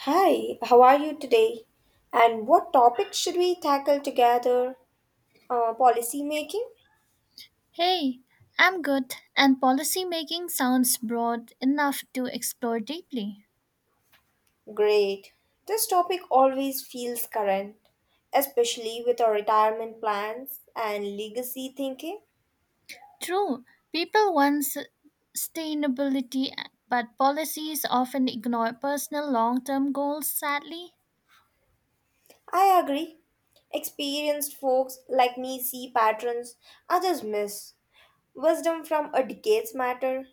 Hi, how are you today? And what topic should we tackle together? Policy making? Hey, I'm good, and policy making sounds broad enough to explore deeply. Great. This topic always feels current, especially with our retirement plans and legacy thinking. True, people want sustainability, but policies often ignore personal long term goals, sadly. I agree. Experienced folks like me see patterns others miss. Wisdom from a decades matter.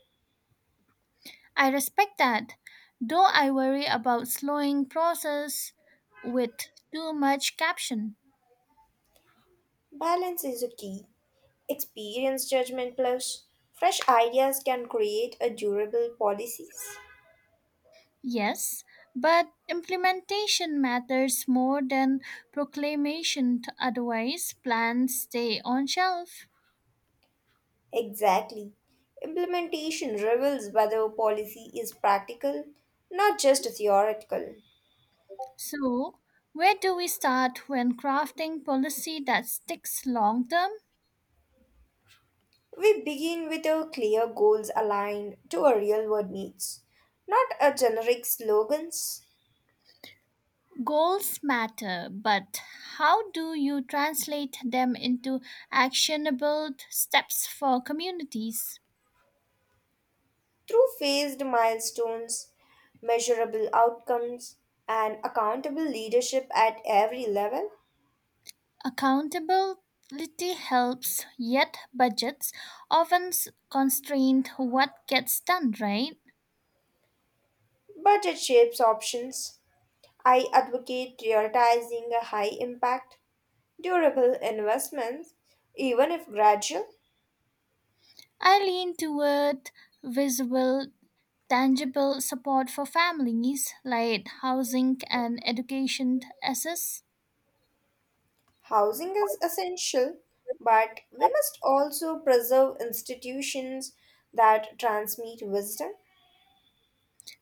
I respect that, though I worry about slowing process with too much caption. Balance is a key. Experience judgment plus fresh ideas can create a durable policies. Yes, but implementation matters more than proclamation, otherwise, plans stay on shelf. Exactly. Implementation reveals whether policy is practical, not just theoretical. So, where do we start when crafting policy that sticks long term? We begin with our clear goals aligned to our real world needs, not a generic slogans. Goals matter, but how do you translate them into actionable steps for communities? Through phased milestones, measurable outcomes, and accountable leadership at every level, Accountability helps, yet budgets often constrain what gets done, right? budget shapes options. I advocate prioritizing a high impact, durable investments, even if gradual. I lean toward visible, tangible support for families, like housing and education access. Housing is essential, but we must also preserve institutions that transmit wisdom.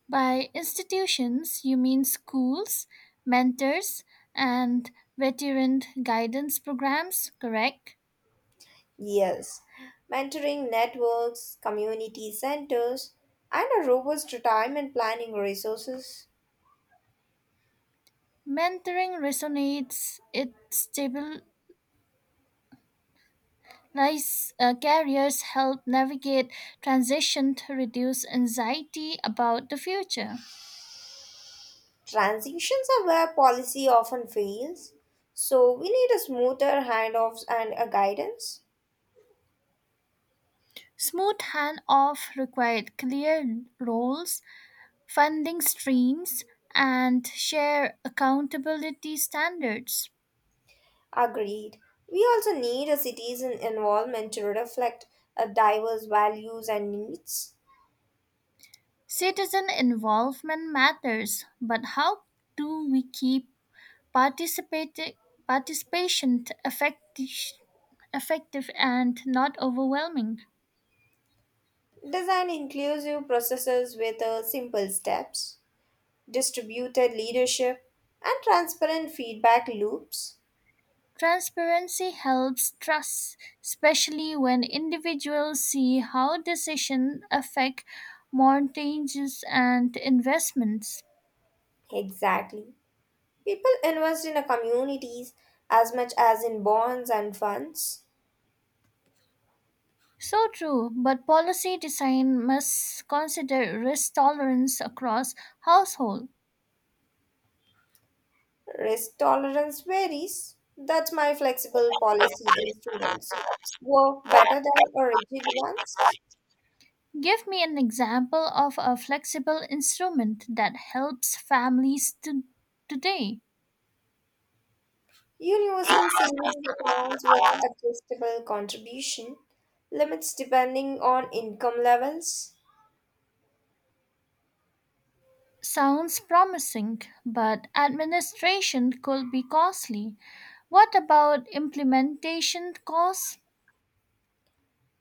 By institutions, you mean schools, mentors, and veteran guidance programs, correct? Yes, mentoring networks, community centers, and a robust retirement planning resources. Mentoring resonates, it stabilizes careers, help navigate transition to reduce anxiety about the future. Transitions are where policy often fails, so we need a smoother handoffs and a guidance. Smooth handoff required clear roles, funding streams, and share accountability standards. Agreed. We also need a citizen involvement to reflect diverse values and needs. Citizen involvement matters, but how do we keep participati- participation effective and not overwhelming? Design inclusive processes with simple steps, distributed leadership, and transparent feedback loops. Transparency helps trust, especially when individuals see how decisions affect mortgages and investments. Exactly. People invest in a communities as much as in bonds and funds. So true, but policy design must consider risk tolerance across households. Risk tolerance varies. That's my flexible policy instruments. Work better than a rigid ones. Give me an example of a flexible instrument that helps families to today. Universal savings accounts with adjustable contribution limits depending on income levels. Sounds promising, but administration could be costly. What about implementation costs?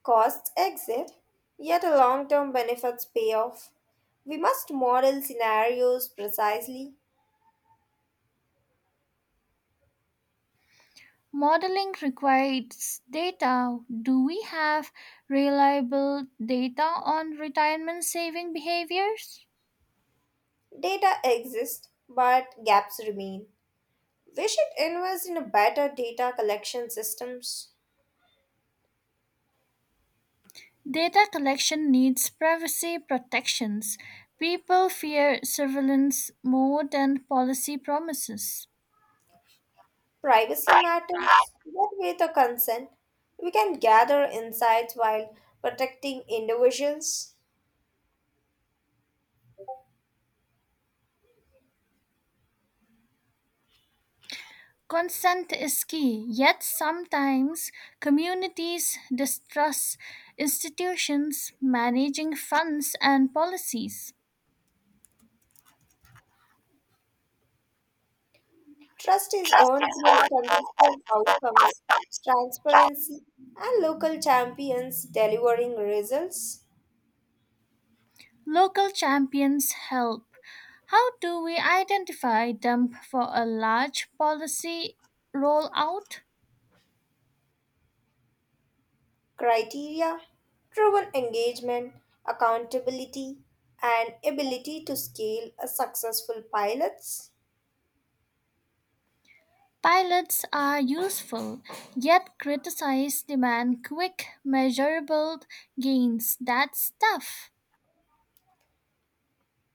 Costs exit, yet a long term benefits pay off. We must model scenarios precisely. Modeling requires data. Do we have reliable data on retirement saving behaviors? Data exists, but gaps remain. We should invest in a better data collection systems. Data collection needs privacy protections. People fear surveillance more than policy promises. Privacy matters, but with a consent, we can gather insights while protecting individuals. Consent is key, yet sometimes communities distrust institutions managing funds and policies. Trust is earned through consistent outcomes, transparency, and local champions delivering results. Local champions help. How do we identify them for a large policy rollout? Criteria driven engagement, accountability, and ability to scale a successful pilot's Pilots are useful, yet criticize demand quick, measurable gains. That's tough.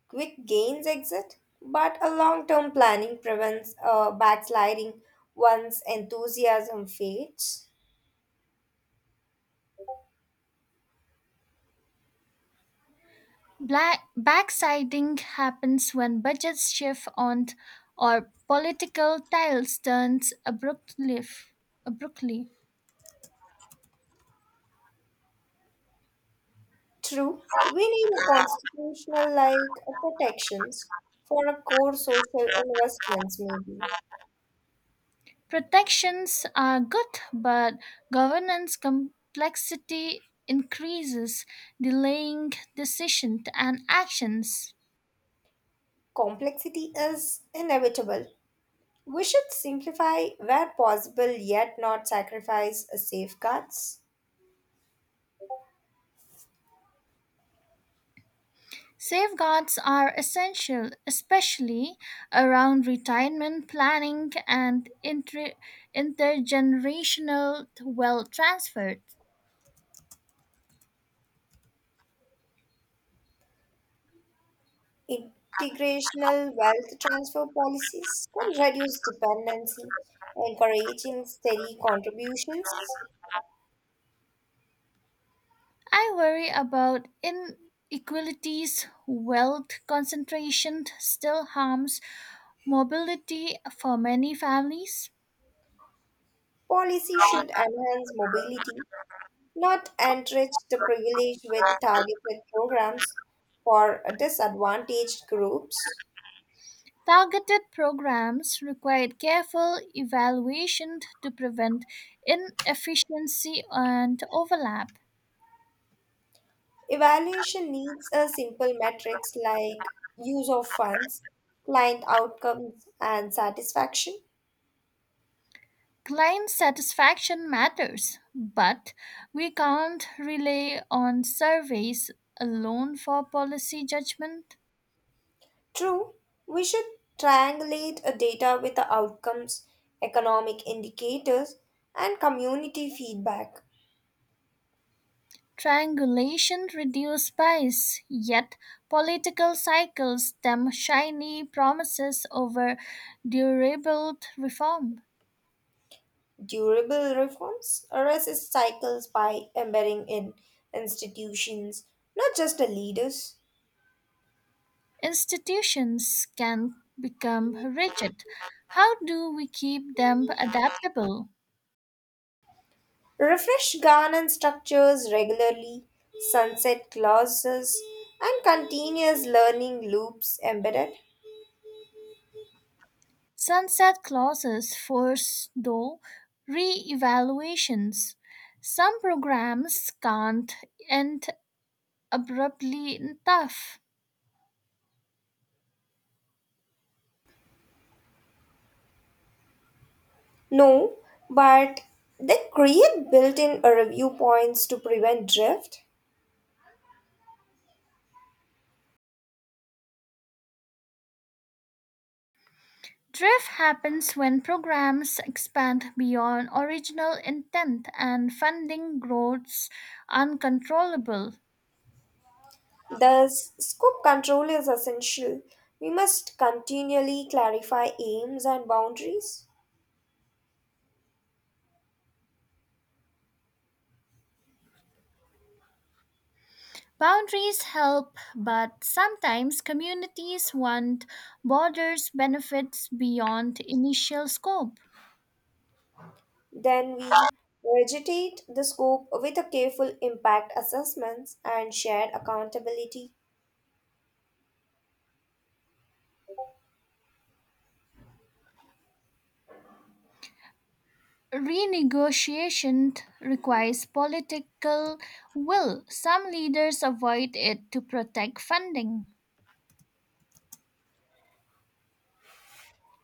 quick gains exit. But a long term planning prevents backsliding once enthusiasm fades. Black backsiding happens when budgets shift on or political tiles turns abruptly. True, we need a constitutional like protections for a core social investments, maybe. Protections are good, but governance complexity increases, delaying decisions and actions. Complexity is inevitable. We should simplify where possible yet not sacrifice safeguards. Safeguards are essential, especially around retirement planning and intergenerational wealth transfer. Integrational wealth transfer policies can reduce dependency, encouraging steady contributions. I worry about inequalities, wealth concentration still harms mobility for many families. Policy should enhance mobility, not enrich the privileged with targeted programs for disadvantaged groups. Targeted programs require careful evaluation to prevent inefficiency and overlap. Evaluation needs a simple metrics like use of funds, client outcomes, and satisfaction. Client satisfaction matters, but we can't rely on surveys alone for policy judgment. True, we should triangulate a data with the outcomes, economic indicators, and community feedback. Triangulation reduces bias, yet political cycles stem shiny promises over durable reform. Durable reforms resist cycles by embedding in institutions, not just the leaders. Institutions can become rigid. How do we keep them adaptable? Refresh governance structures regularly, sunset clauses, and continuous learning loops embedded? Sunset clauses force, though, re evaluations. Some programs can't end abruptly in tough. No, but they create built in review points to prevent drift. Drift happens when programs expand beyond original intent and funding grows uncontrollable. Thus, scope control is essential. We must continually clarify aims and boundaries. Boundaries help, but sometimes communities want borders benefits beyond initial scope. Then we vegetate the scope with a careful impact assessments and shared accountability. Renegotiation requires political will. Some leaders avoid it to protect funding.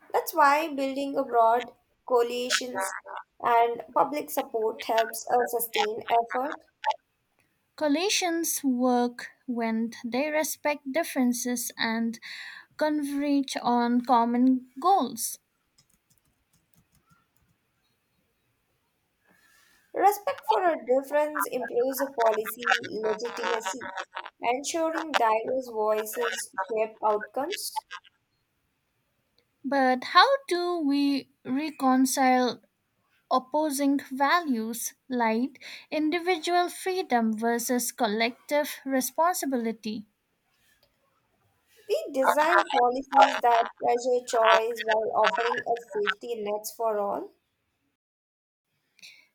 That's why building a broad coalitions and public support helps a sustained effort. Coalitions work when they respect differences and converge on common goals. Respect for a difference improves a policy legitimacy, ensuring diverse voices shape outcomes. But how do we reconcile opposing values like individual freedom versus collective responsibility? We design policies that treasure choice while offering a safety nets for all.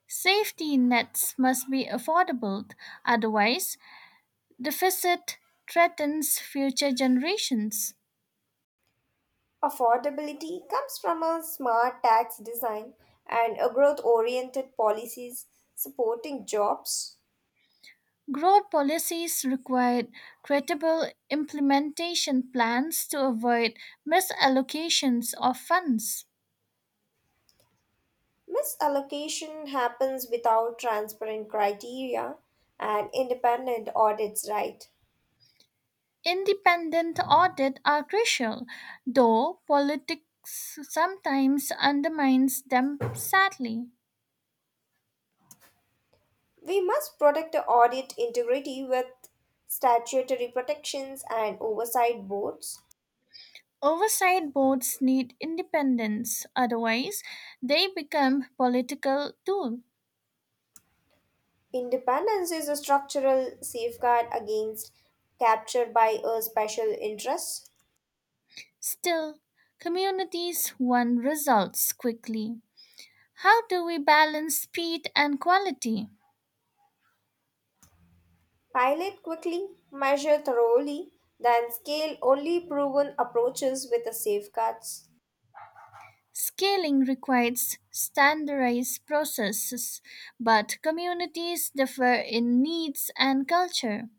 Safety nets must be affordable, otherwise, deficit threatens future generations. Affordability comes from a smart tax design and a growth-oriented policies supporting jobs. Growth policies require credible implementation plans to avoid misallocations of funds. Misallocation happens without transparent criteria and independent audits, right? Independent audit are crucial, though politics sometimes undermines them sadly. We must protect the audit integrity with statutory protections and oversight boards. Oversight boards need independence, otherwise they become political tools. Independence is a structural safeguard against capture by a special interest. Still, communities want results quickly. How do we balance speed and quality? Pilot quickly, measure thoroughly, then scale only proven approaches with the safeguards. Scaling requires standardized processes, but communities differ in needs and culture.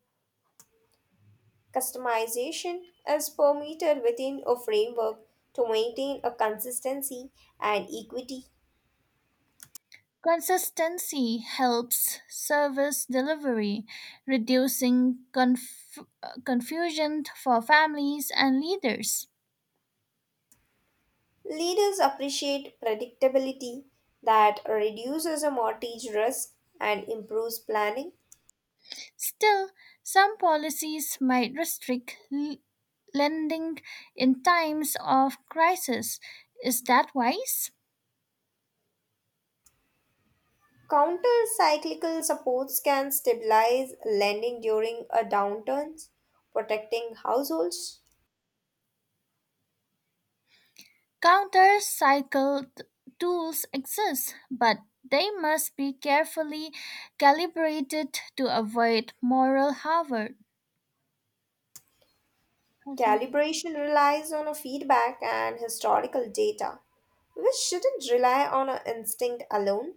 Customization is permitted within a framework to maintain a consistency and equity. Consistency helps service delivery, reducing confusion for families and leaders. Leaders appreciate predictability that reduces a mortgage risk and improves planning. Still, some policies might restrict lending in times of crisis. Is that wise? Counter cyclical supports can stabilize lending during a downturn, protecting households. Counter cycle tools exist, but they must be carefully calibrated to avoid moral hazard. Calibration relies on a feedback and historical data, which shouldn't rely on a instinct alone.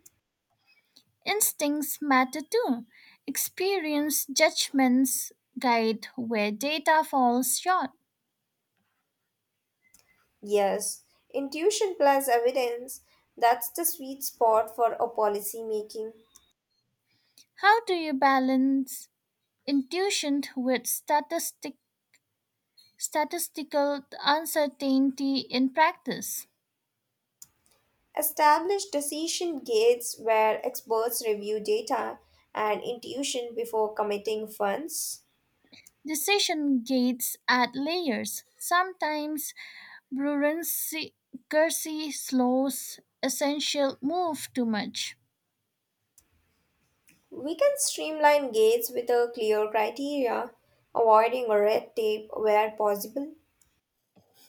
Instincts matter too. Experience judgments guide where data falls short. Yes, intuition plus evidence, that's the sweet spot for a policy making. How do you balance intuition with statistical uncertainty in practice. Establish decision gates where experts review data and intuition before committing funds. Decision gates add layers. Sometimes bureaucracy slows essential move too much. We can streamline gates with a clear criteria, avoiding red tape where possible.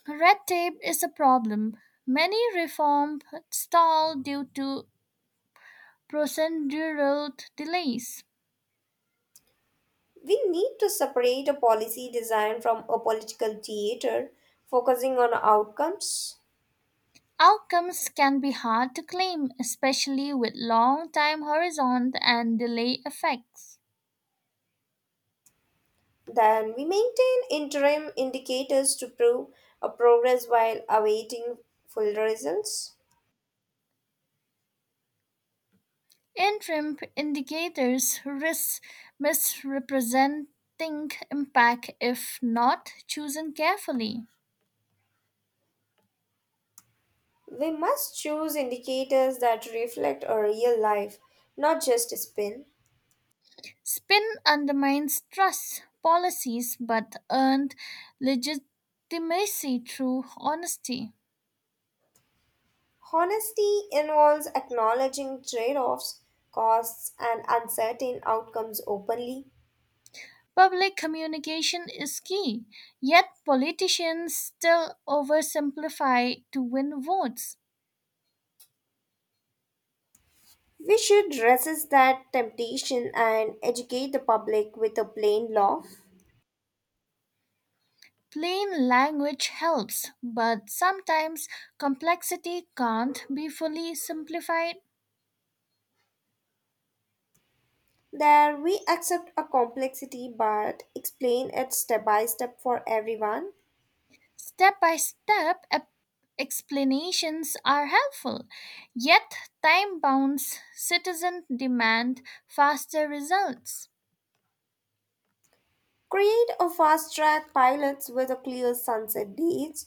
Red tape is a problem. Many reforms stall due to procedural delays. We need to separate a policy design from a political theater, focusing on outcomes. Outcomes can be hard to claim, especially with long time horizon and delay effects. Then we maintain interim indicators to prove a progress while awaiting full results. Interim indicators risk misrepresenting impact if not chosen carefully. We must choose indicators that reflect a real life, not just a spin. Spin undermines trust policies but earned legitimacy through honesty. Honesty involves acknowledging trade offs, costs, and uncertain outcomes openly. Public communication is key, yet politicians still oversimplify to win votes. We should resist that temptation and educate the public with a plain law. Plain language helps, but sometimes complexity can't be fully simplified. There we accept a complexity but explain it step by step for everyone. Step by step explanations are helpful, yet, time bounds citizens demand faster results. Create a fast track pilots with a clear sunset dates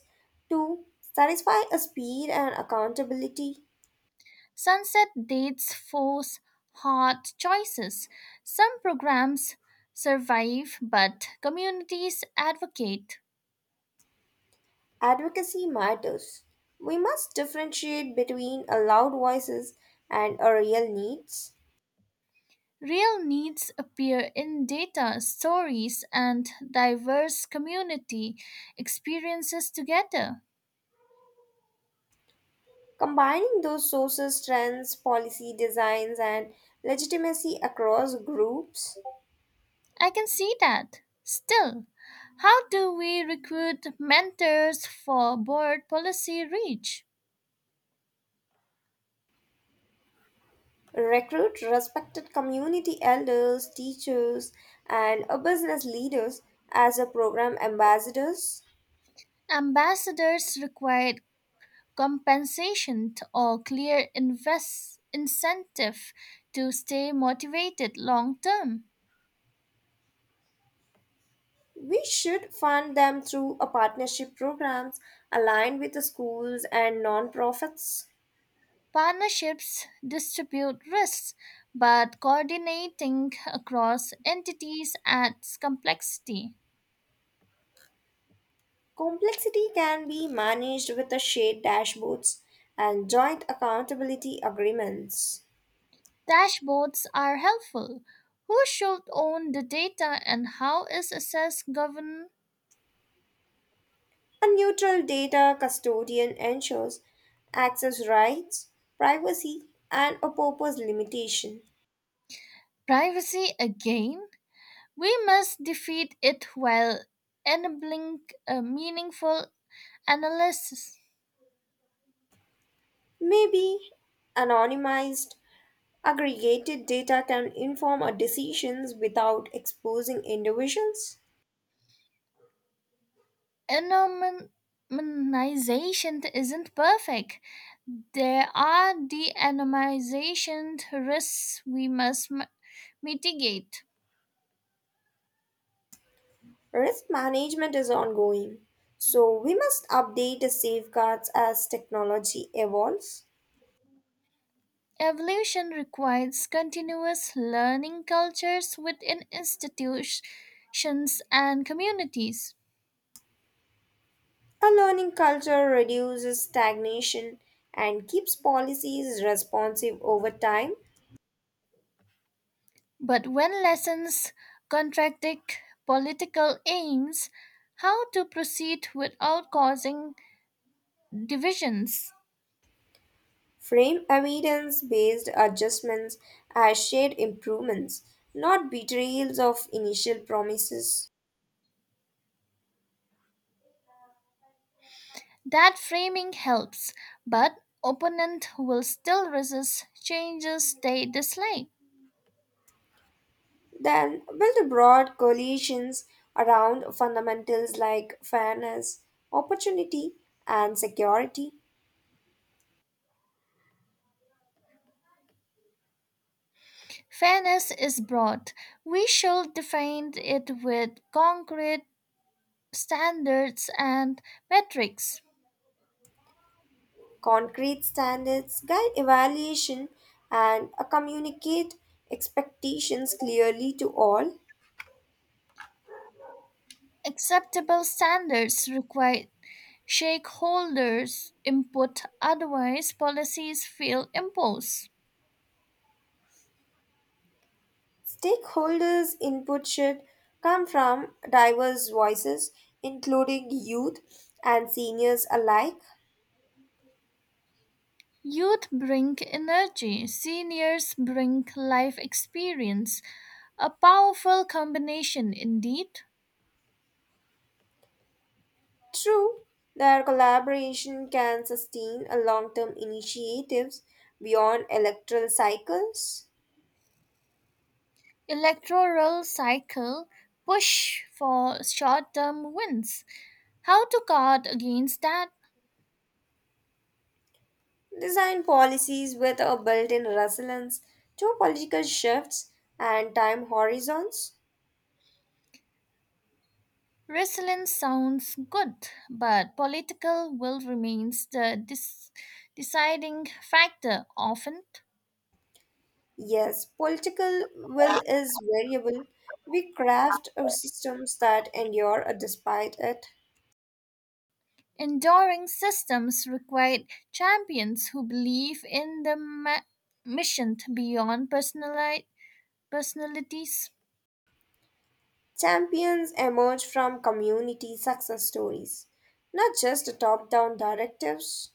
to satisfy a speed and accountability. Sunset dates force hard choices. Some programs survive, but communities advocate. Advocacy matters. We must differentiate between a loud voices and a real needs. Real needs appear in data, stories, and diverse community experiences together. Combining those sources, trends, policy designs, and legitimacy across groups. I can see that. Still, how do we recruit mentors for board policy reach? Recruit respected community elders, teachers, and business leaders as a program ambassadors. Ambassadors require compensation or clear invest incentive to stay motivated long term. We should fund them through a partnership programs aligned with the schools and nonprofits. Partnerships distribute risks, but coordinating across entities adds complexity. Complexity can be managed with the shared dashboards and joint accountability agreements. Dashboards are helpful. Who should own the data and how is access governed? A neutral data custodian ensures access rights, privacy, and a purpose limitation. Privacy again? We must defeat it while enabling a meaningful analysis. Maybe anonymized, aggregated data can inform our decisions without exposing individuals. Anonymization isn't perfect. There are de-anonymization risks we must mitigate. Risk management is ongoing, so we must update the safeguards as technology evolves. Evolution requires continuous learning cultures within institutions and communities. A learning culture reduces stagnation and keeps policies responsive over time. But when lessons contradict political aims, how to proceed without causing divisions? Frame evidence based adjustments as shared improvements, not betrayals of initial promises. That framing helps, but opponent will still resist changes they dislike. Then build broad coalitions around fundamentals like fairness, opportunity, and security. Fairness is broad. We should define it with concrete standards and metrics. Concrete standards guide evaluation and communicate expectations clearly to all. Acceptable standards require shareholders' input, otherwise, policies feel imposed. Stakeholders' input should come from diverse voices, including youth and seniors alike. Youth bring energy, seniors bring life experience, a powerful combination indeed. True, their collaboration can sustain a long-term initiatives beyond electoral cycles. Electoral cycle push for short term wins. How to guard against that? Design policies with a built-in resilience to political shifts and time horizons. Resilience sounds good, but political will remains the deciding factor often. Yes, political will is variable. We craft our systems that endure despite it. Enduring systems require champions who believe in the mission beyond personalities. Champions emerge from community success stories, not just top-down directives.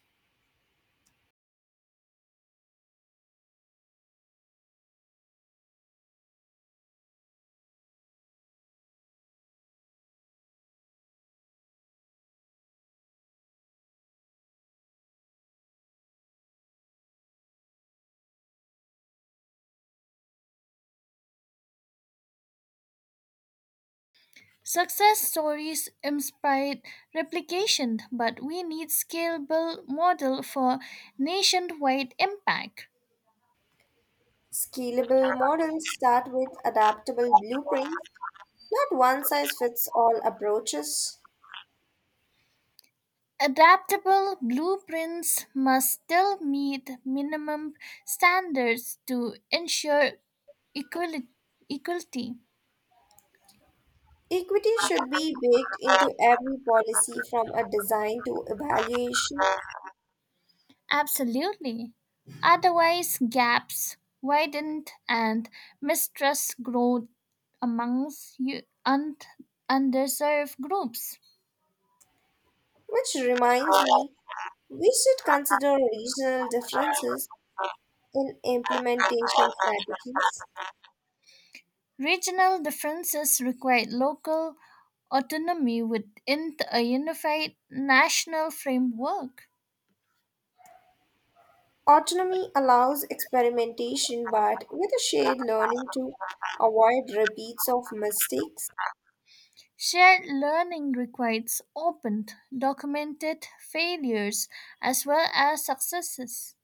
Success stories inspire replication, but we need scalable model for nationwide impact. Scalable models start with adaptable blueprints, not one size fits all approaches. Adaptable blueprints must still meet minimum standards to ensure equali- equality. Equity should be baked into every policy from a design to evaluation, Absolutely. Otherwise, gaps widen and mistrust grows amongst underserved groups. which reminds me we should consider regional differences in implementation strategies. Regional differences require local autonomy within a unified national framework. Autonomy allows experimentation, but with a shared learning to avoid repeats of mistakes. Shared learning requires open, documented failures as well as successes.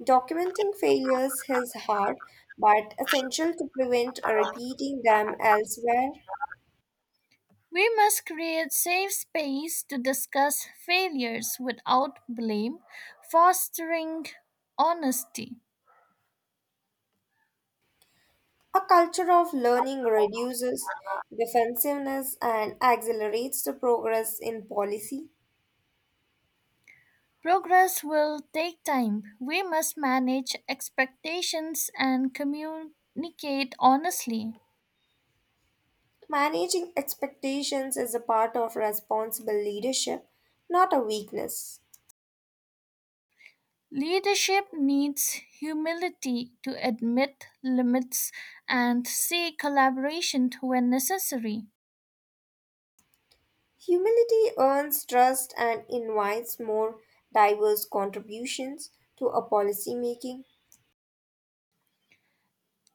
Documenting failures is hard, but essential to prevent repeating them elsewhere. We must create safe space to discuss failures without blame, fostering honesty. A culture of learning reduces defensiveness and accelerates the progress in policy. Progress will take time. We must manage expectations and communicate honestly. Managing expectations is a part of responsible leadership, not a weakness. Leadership needs humility to admit limits and seek collaboration when necessary. Humility earns trust and invites more diverse contributions to a policy making.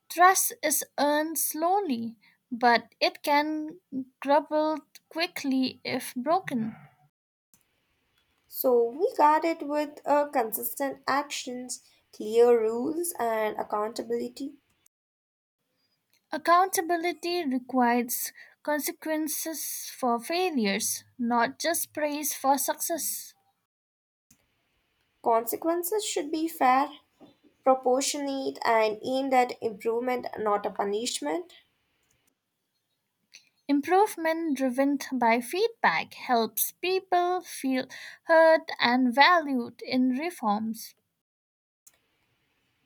Trust is earned slowly, but it can crumble quickly if broken. So we got it with consistent actions, clear rules, and accountability. Accountability requires consequences for failures, not just praise for success. Consequences should be fair, proportionate, and aimed at improvement, not a punishment. Improvement driven by feedback helps people feel heard and valued in reforms.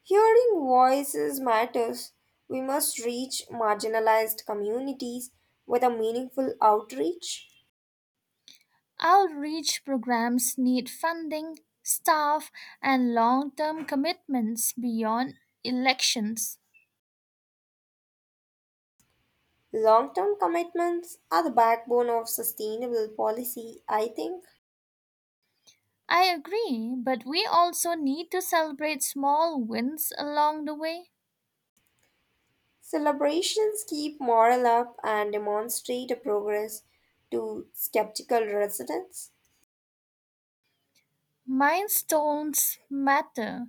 Hearing voices matters. We must reach marginalized communities with a meaningful outreach. Outreach programs need funding, staff, and long term commitments beyond elections. Long term commitments are the backbone of sustainable policy, I think. I agree, but we also need to celebrate small wins along the way. Celebrations keep morale up and demonstrate a progress to skeptical residents. Milestones matter.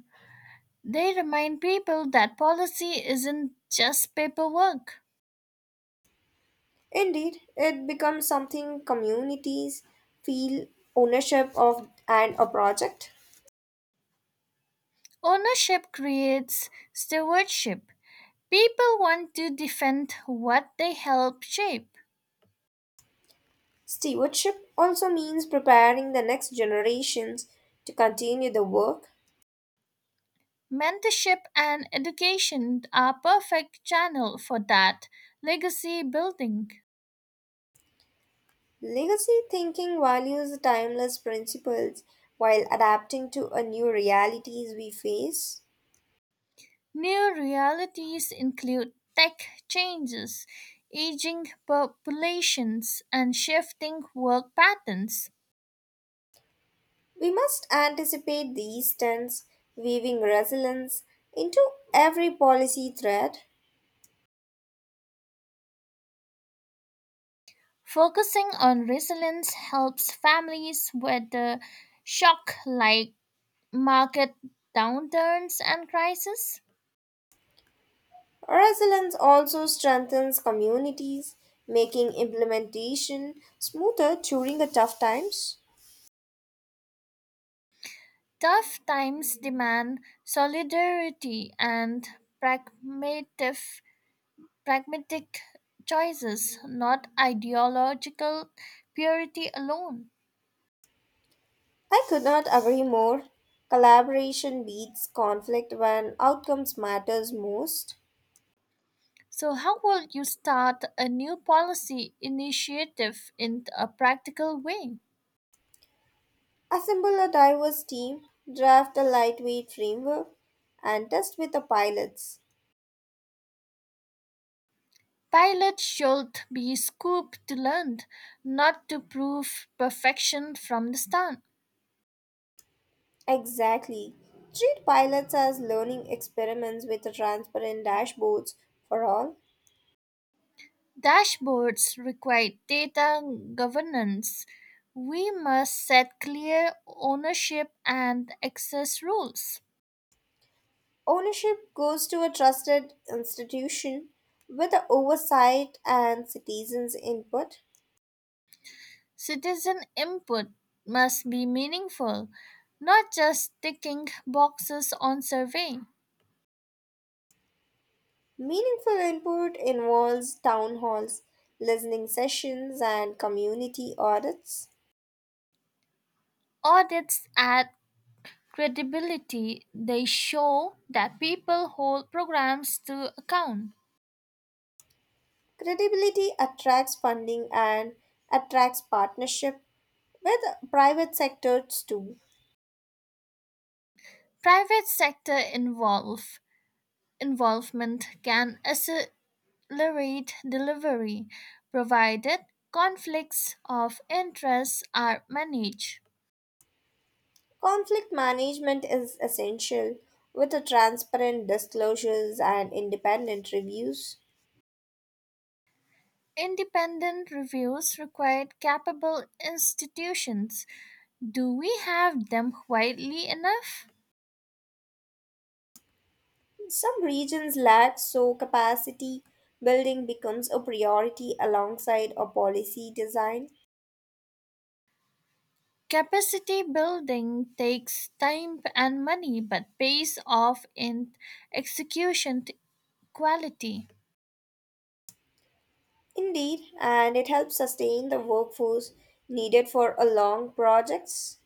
They remind people that policy isn't just paperwork. Indeed, it becomes something communities feel ownership of and a project. Ownership creates stewardship. People want to defend what they help shape. Stewardship also means preparing the next generations to continue the work. Mentorship and education are perfect channel for that legacy building. Legacy thinking values the timeless principles while adapting to a new realities we face. New realities include tech changes, aging populations, and shifting work patterns. We must anticipate these trends, weaving resilience into every policy thread. Focusing on resilience helps families weather shock like market downturns and crises. Resilience also strengthens communities, making implementation smoother during the tough times. Tough times demand solidarity and pragmatism pragmatic choices, not ideological purity alone. I could not agree more. Collaboration beats conflict when outcomes matters most. So, how will you start a new policy initiative in a practical way? Assemble a diverse team, draft a lightweight framework, and test with the pilots. Pilots should be scooped to learn, not to prove perfection from the start. Exactly. Treat pilots as learning experiments with transparent dashboards for all. Dashboards require data governance. We must set clear ownership and access rules. Ownership goes to a trusted institution with the oversight and citizens' input. Citizen input must be meaningful, not just ticking boxes on survey. Meaningful input involves town halls, listening sessions, and community audits. Audits add credibility, they show that people hold programs to account. Credibility attracts funding and attracts partnership with private sectors too. Private sector involve, involvement can accelerate delivery, provided conflicts of interest are managed. Conflict management is essential with a transparent disclosures and independent reviews. Independent reviews require capable institutions. Do we have them quietly enough? Some regions lack so capacity building becomes a priority alongside a policy design. Capacity building takes time and money but pays off in execution t- quality. Indeed, and it helps sustain the workforce needed for a long projects.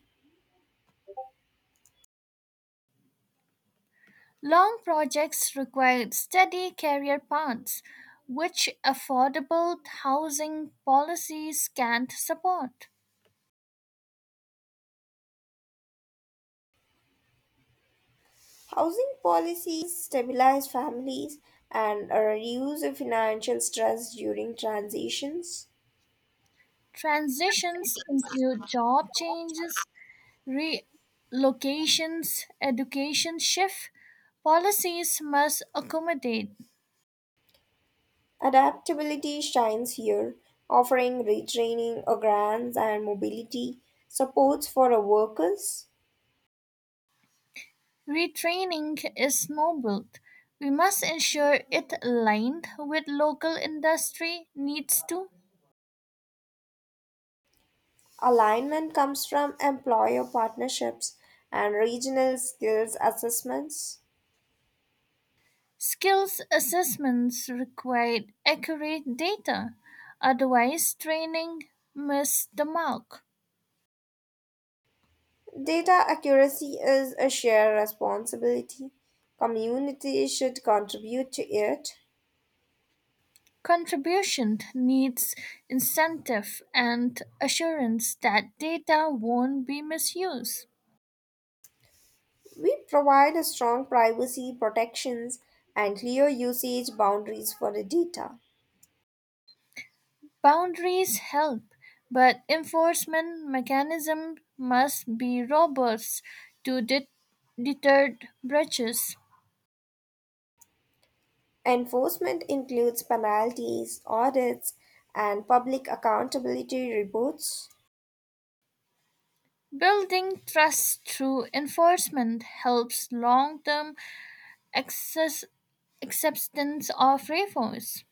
Long projects require steady career paths, which affordable housing policies can't support. Housing policies stabilize families and reduce the financial stress during transitions. Transitions include job changes, relocations, education shift. Policies must accommodate. Adaptability shines here, offering retraining, grants, and mobility supports for our workers. Retraining is noble; we must ensure it aligned with local industry needs. To Alignment comes from employer partnerships and regional skills assessments. skills assessments require accurate data, otherwise training misses the mark. Data accuracy is a shared responsibility. Communities should contribute to it. Contribution needs incentive and assurance that data won't be misused. We provide a strong privacy protections and clear usage boundaries for the data. Boundaries help, but enforcement mechanisms must be robust to deter breaches. Enforcement includes penalties, audits, and public accountability reports. Building trust through enforcement helps long term acceptance of reforms.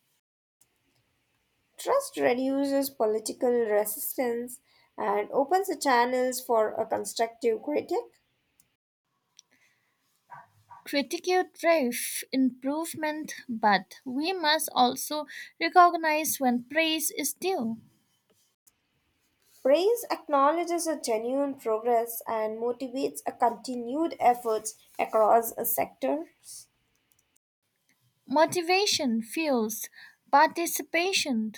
Trust reduces political resistance and opens the channels for a constructive critic. Critical drive improvement, but we must also recognize when praise is due. Praise acknowledges a genuine progress and motivates a continued efforts across a sector. Motivation fuels participation,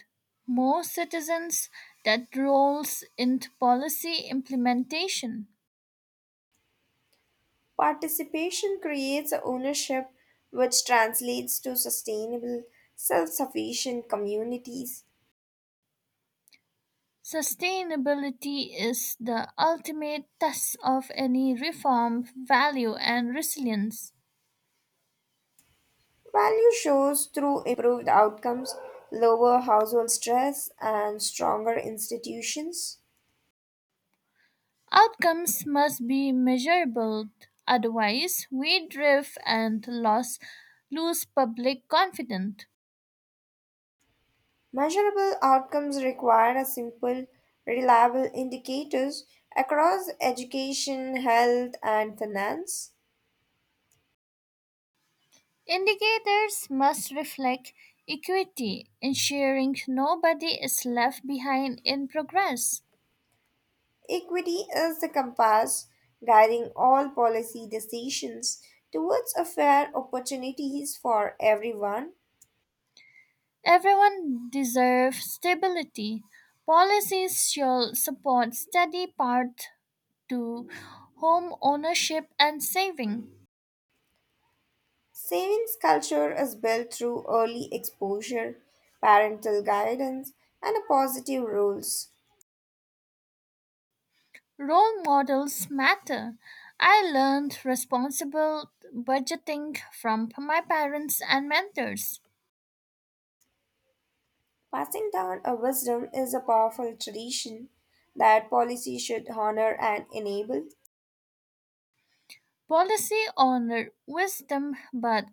more citizens that rolls into policy implementation. Participation creates a ownership which translates to sustainable, self-sufficient communities. Sustainability is the ultimate test of any reform value and resilience. Value shows through improved outcomes, lower household stress, and stronger institutions. Outcomes must be measurable, otherwise we drift and lose public confidence. Measurable outcomes require a simple, reliable indicators across education, health, and finance. Indicators must reflect equity, ensuring nobody is left behind in progress. Equity is the compass guiding all policy decisions towards a fair opportunities for everyone. Everyone deserves stability. Policies should support steady path to home ownership and saving. Savings culture is built through early exposure, parental guidance, and a positive rules. Role models matter. I learned responsible budgeting from my parents and mentors. Passing down a wisdom is a powerful tradition that policy should honor and enable. Policy honored wisdom, but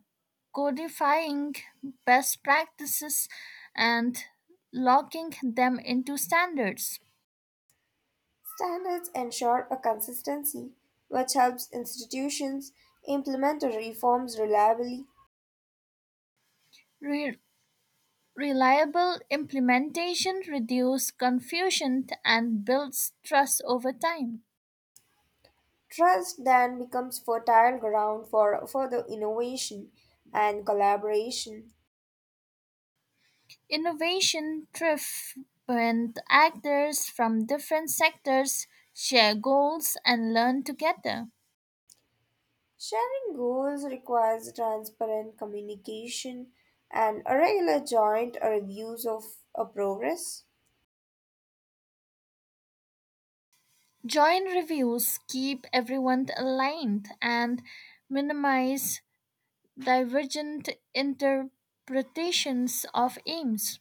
codifying best practices and locking them into standards. Standards ensure a consistency, which helps institutions implement the reforms reliably. Re- Reliable implementation reduces confusion and builds trust over time. Trust then becomes fertile ground for further innovation and collaboration. Innovation thrives when actors from different sectors share goals and learn together. Sharing goals requires transparent communication and a regular joint reviews of a progress. Joint reviews keep everyone aligned and minimize divergent interpretations of aims.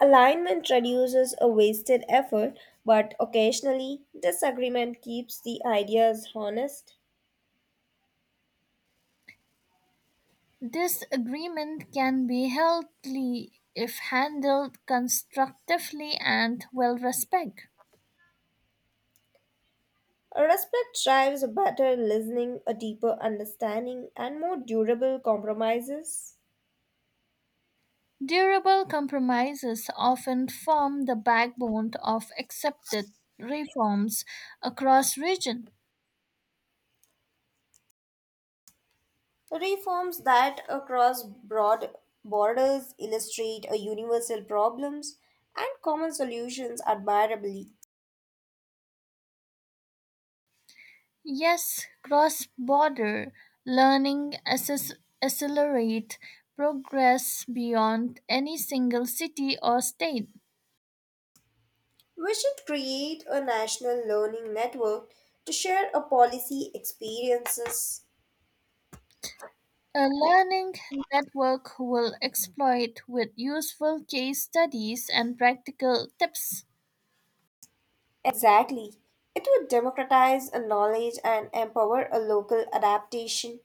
Alignment reduces a wasted effort, but occasionally disagreement keeps the ideas honest. This agreement can be healthy if handled constructively and well respected. A Respect drives a better listening, a deeper understanding, and more durable compromises. Durable compromises often form the backbone of accepted reforms across region. Reforms that across broad borders illustrate a universal problems and common solutions admirably. Yes, cross-border learning accelerate progress beyond any single city or state. We should create a national learning network to share a policy experiences. A learning network will exploit with useful case studies and practical tips. Exactly. It would democratize a knowledge and empower a local adaptation.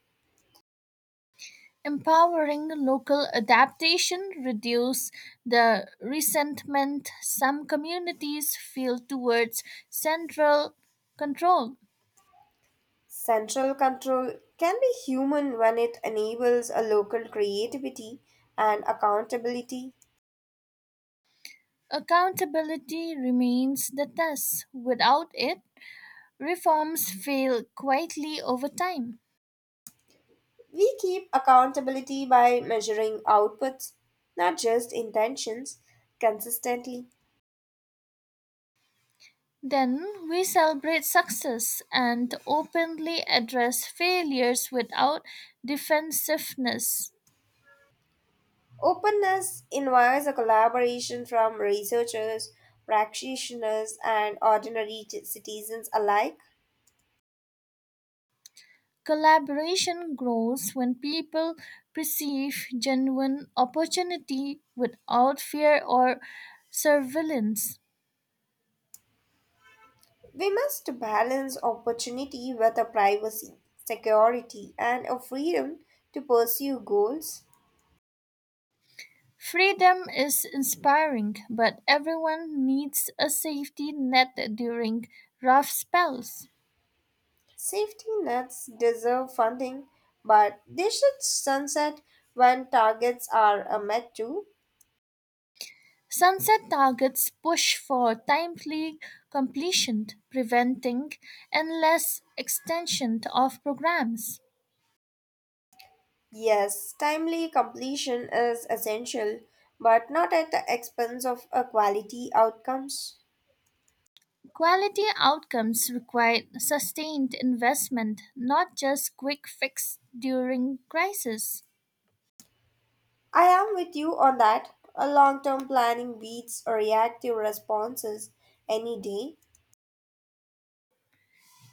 Empowering local adaptation reduce the resentment some communities feel towards central control. Central control can be human when it enables a local creativity and accountability. Accountability remains the test. Without it, reforms fail quietly over time. We keep accountability by measuring outputs, not just intentions, consistently. Then we celebrate success and openly address failures without defensiveness. Openness invites a collaboration from researchers, practitioners, and ordinary citizens alike. Collaboration grows when people perceive genuine opportunity without fear or surveillance. We must balance opportunity with a privacy, security, and a freedom to pursue goals. Freedom is inspiring, but everyone needs a safety net during rough spells. Safety nets deserve funding, but they should sunset when targets are met too. Sunset targets push for timely completion, preventing endless extension of programs. Yes, timely completion is essential, but not at the expense of quality outcomes. Quality outcomes require sustained investment, not just quick fix during crisis. I am with you on that. A long-term planning beats a reactive responses any day.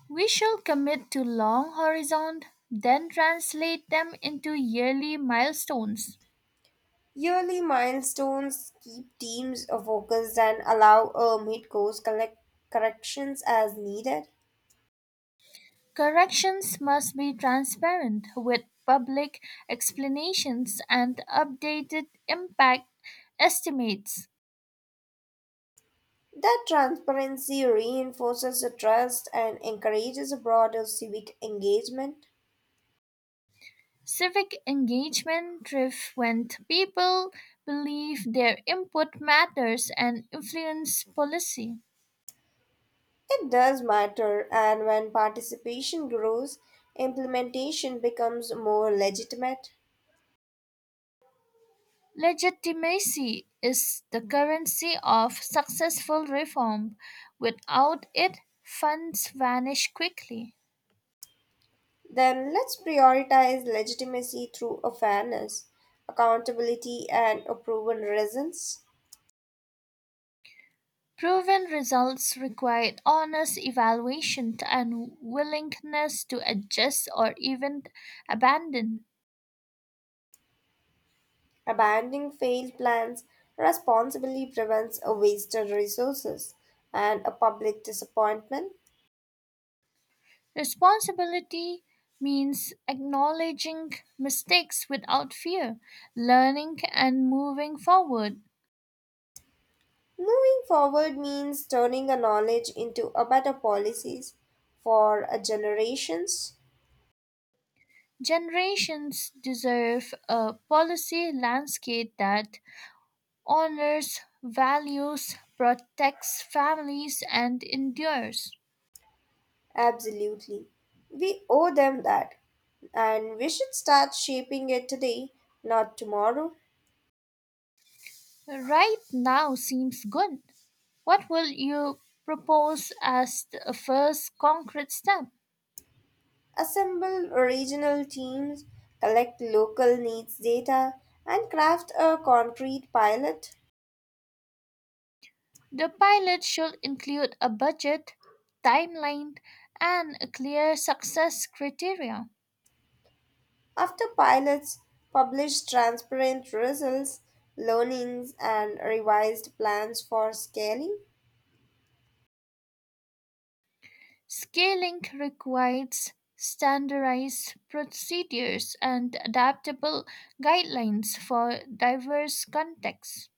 We shall commit to long horizon, then translate them into yearly milestones. Yearly milestones keep teams focused and allow a mid-course collect corrections as needed. Corrections must be transparent with public explanations and updated impact estimates. That transparency reinforces the trust and encourages a broader civic engagement. Civic engagement thrives when people believe their input matters and influence policy. It does matter, and when participation grows, implementation becomes more legitimate. Legitimacy is the currency of successful reform. Without it, funds vanish quickly. Then let's prioritize legitimacy through a fairness, accountability, and a proven reasons. Proven results required honest evaluation and willingness to adjust or even abandon. Abandoning failed plans responsibly prevents a wasted resources and a public disappointment. Responsibility means acknowledging mistakes without fear, learning and moving forward. Moving forward means turning a knowledge into a better policies for a generations. Generations deserve a policy landscape that honors, values, protects families, and endures. Absolutely. We owe them that. And we should start shaping it today, not tomorrow. Right now seems good. What will you propose as the first concrete step? Assemble regional teams, collect local needs data, and craft a concrete pilot. The pilot should include a budget, timeline, and a clear success criteria. After pilots publish transparent results, learnings, and revised plans for scaling, Scaling requires standardized procedures and adaptable guidelines for diverse contexts.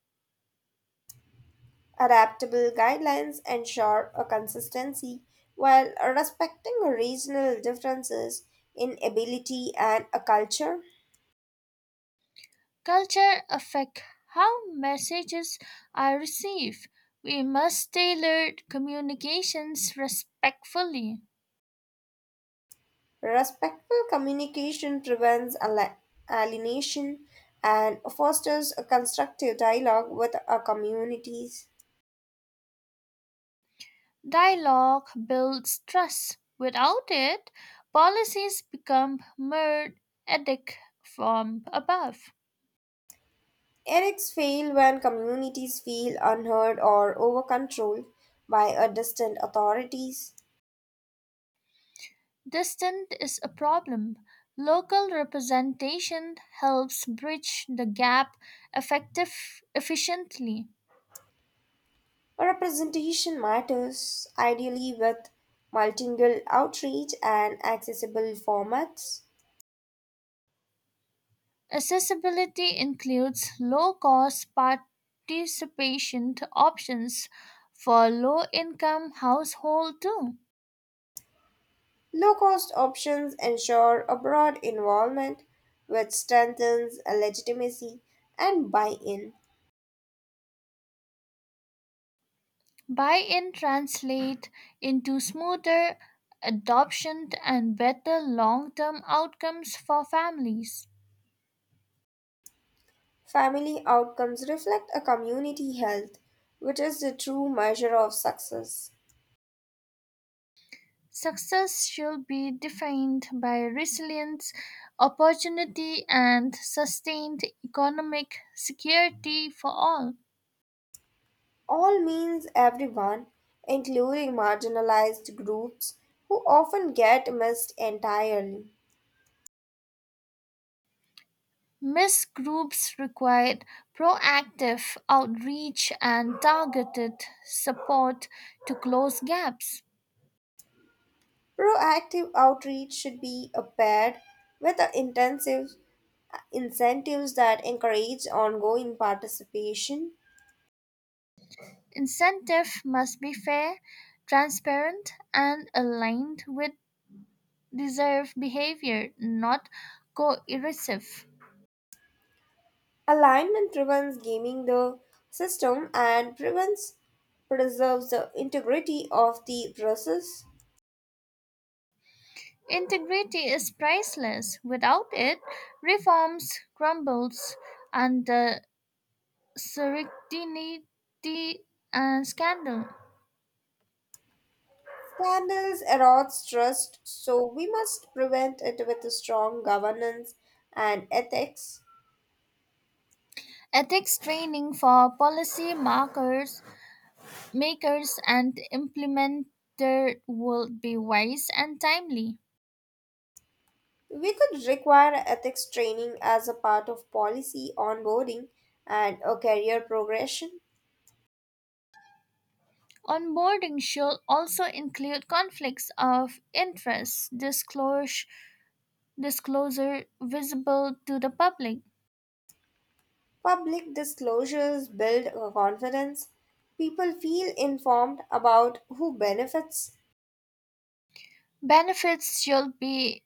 adaptable guidelines ensure a consistency while respecting regional differences in ability and a culture. Culture affects how messages are received. We must tailor communications respectfully. Respectful communication prevents alienation and fosters a constructive dialogue with our communities. Dialogue builds trust. Without it, policies become mere edict from above. Eric's fail when communities feel unheard or overcontrolled by a distant authorities. Distance is a problem. Local representation helps bridge the gap effective efficiently. Representation matters, ideally with multilingual outreach and accessible formats. Accessibility includes low cost participation options for low income households too. Low cost options ensure a broad involvement, which strengthens legitimacy and buy in. Buy in translate into smoother adoption and better long term outcomes for families. Family outcomes reflect a community health, which is the true measure of success. Success should be defined by resilience, opportunity, and sustained economic security for all. All means everyone, including marginalized groups who often get missed entirely. Missed groups required proactive outreach and targeted support to close gaps. Proactive outreach should be paired with the intensive incentives that encourage ongoing participation. Incentives must be fair, transparent, and aligned with deserved behavior, not coercive. Alignment prevents gaming the system and prevents preserves the integrity of the process. Integrity is priceless. Without it, reforms crumbles under serendipity and scandal. Scandals erode trust, so we must prevent it with a strong governance and ethics. Ethics training for policy markers, makers and implementer would be wise and timely. We could require ethics training as a part of policy onboarding and a career progression. Onboarding should also include conflicts of interest disclosure visible to the public. Public disclosures build a confidence. People feel informed about who benefits. Benefits should be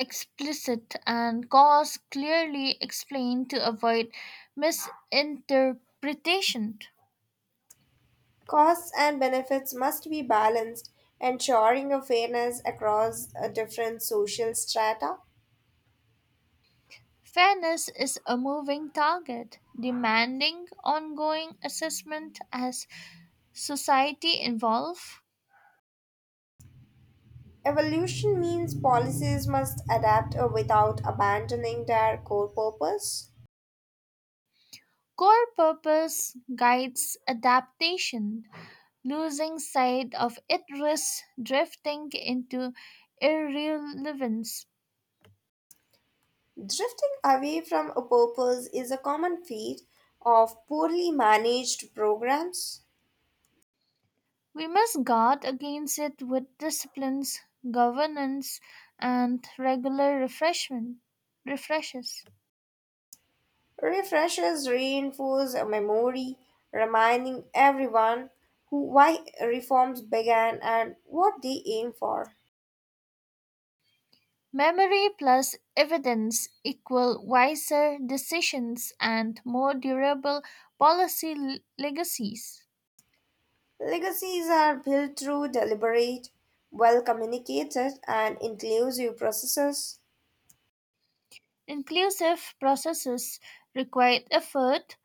explicit and costs clearly explained to avoid misinterpretation. Costs and benefits must be balanced, ensuring a fairness across a different social strata. Fairness is a moving target, demanding ongoing assessment as society evolves. Evolution means policies must adapt without abandoning their core purpose. Core purpose guides adaptation. Losing sight of it risks drifting into irrelevance. Drifting away from a purpose is a common fate of poorly managed programs. We must guard against it with disciplines, governance, and regular refreshment refreshes. Refreshers reinforce a memory, reminding everyone who why reforms began and what they aim for. Memory plus evidence equal wiser decisions and more durable policy legacies. Legacies are built through deliberate, well communicated, and inclusive processes. Inclusive processes require effort,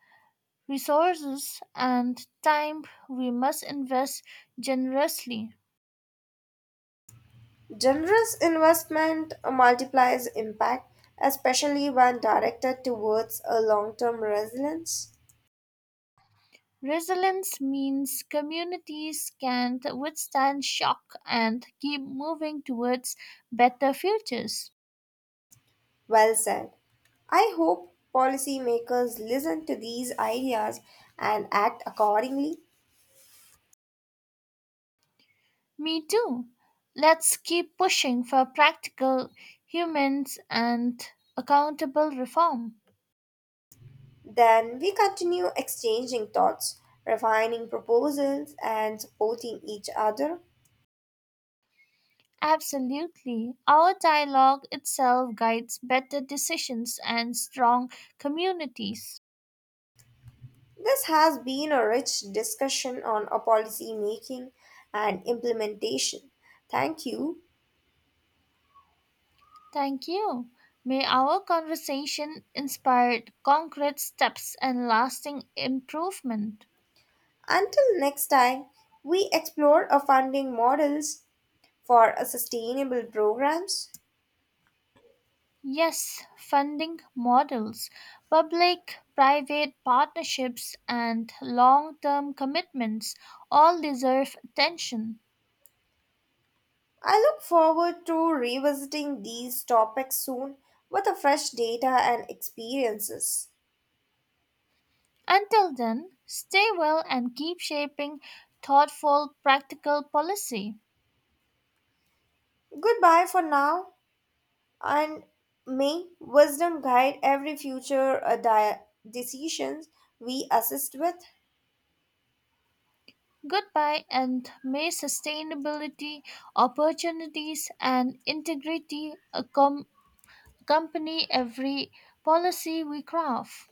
resources, and time we must invest generously. Generous investment multiplies impact, especially when directed towards a long term resilience. Resilience means communities can withstand shock and keep moving towards better futures. Well said. I hope policymakers listen to these ideas and act accordingly. Me too. Let's keep pushing for practical, humans, and accountable reform. Then we continue exchanging thoughts, refining proposals, and supporting each other. Absolutely. Our dialogue itself guides better decisions and strong communities. This has been a rich discussion on a policy making and implementation. Thank you. Thank you. May our conversation inspire concrete steps and lasting improvement. Until next time, we explore our funding models for a sustainable programs. Yes, funding models, public private partnerships, and long term commitments all deserve attention. I look forward to revisiting these topics soon with a fresh data and experiences. Until then, stay well and keep shaping thoughtful, practical policy. Goodbye for now, and may wisdom guide every future decisions we assist with. Goodbye, and may sustainability, opportunities, and integrity company every policy we craft.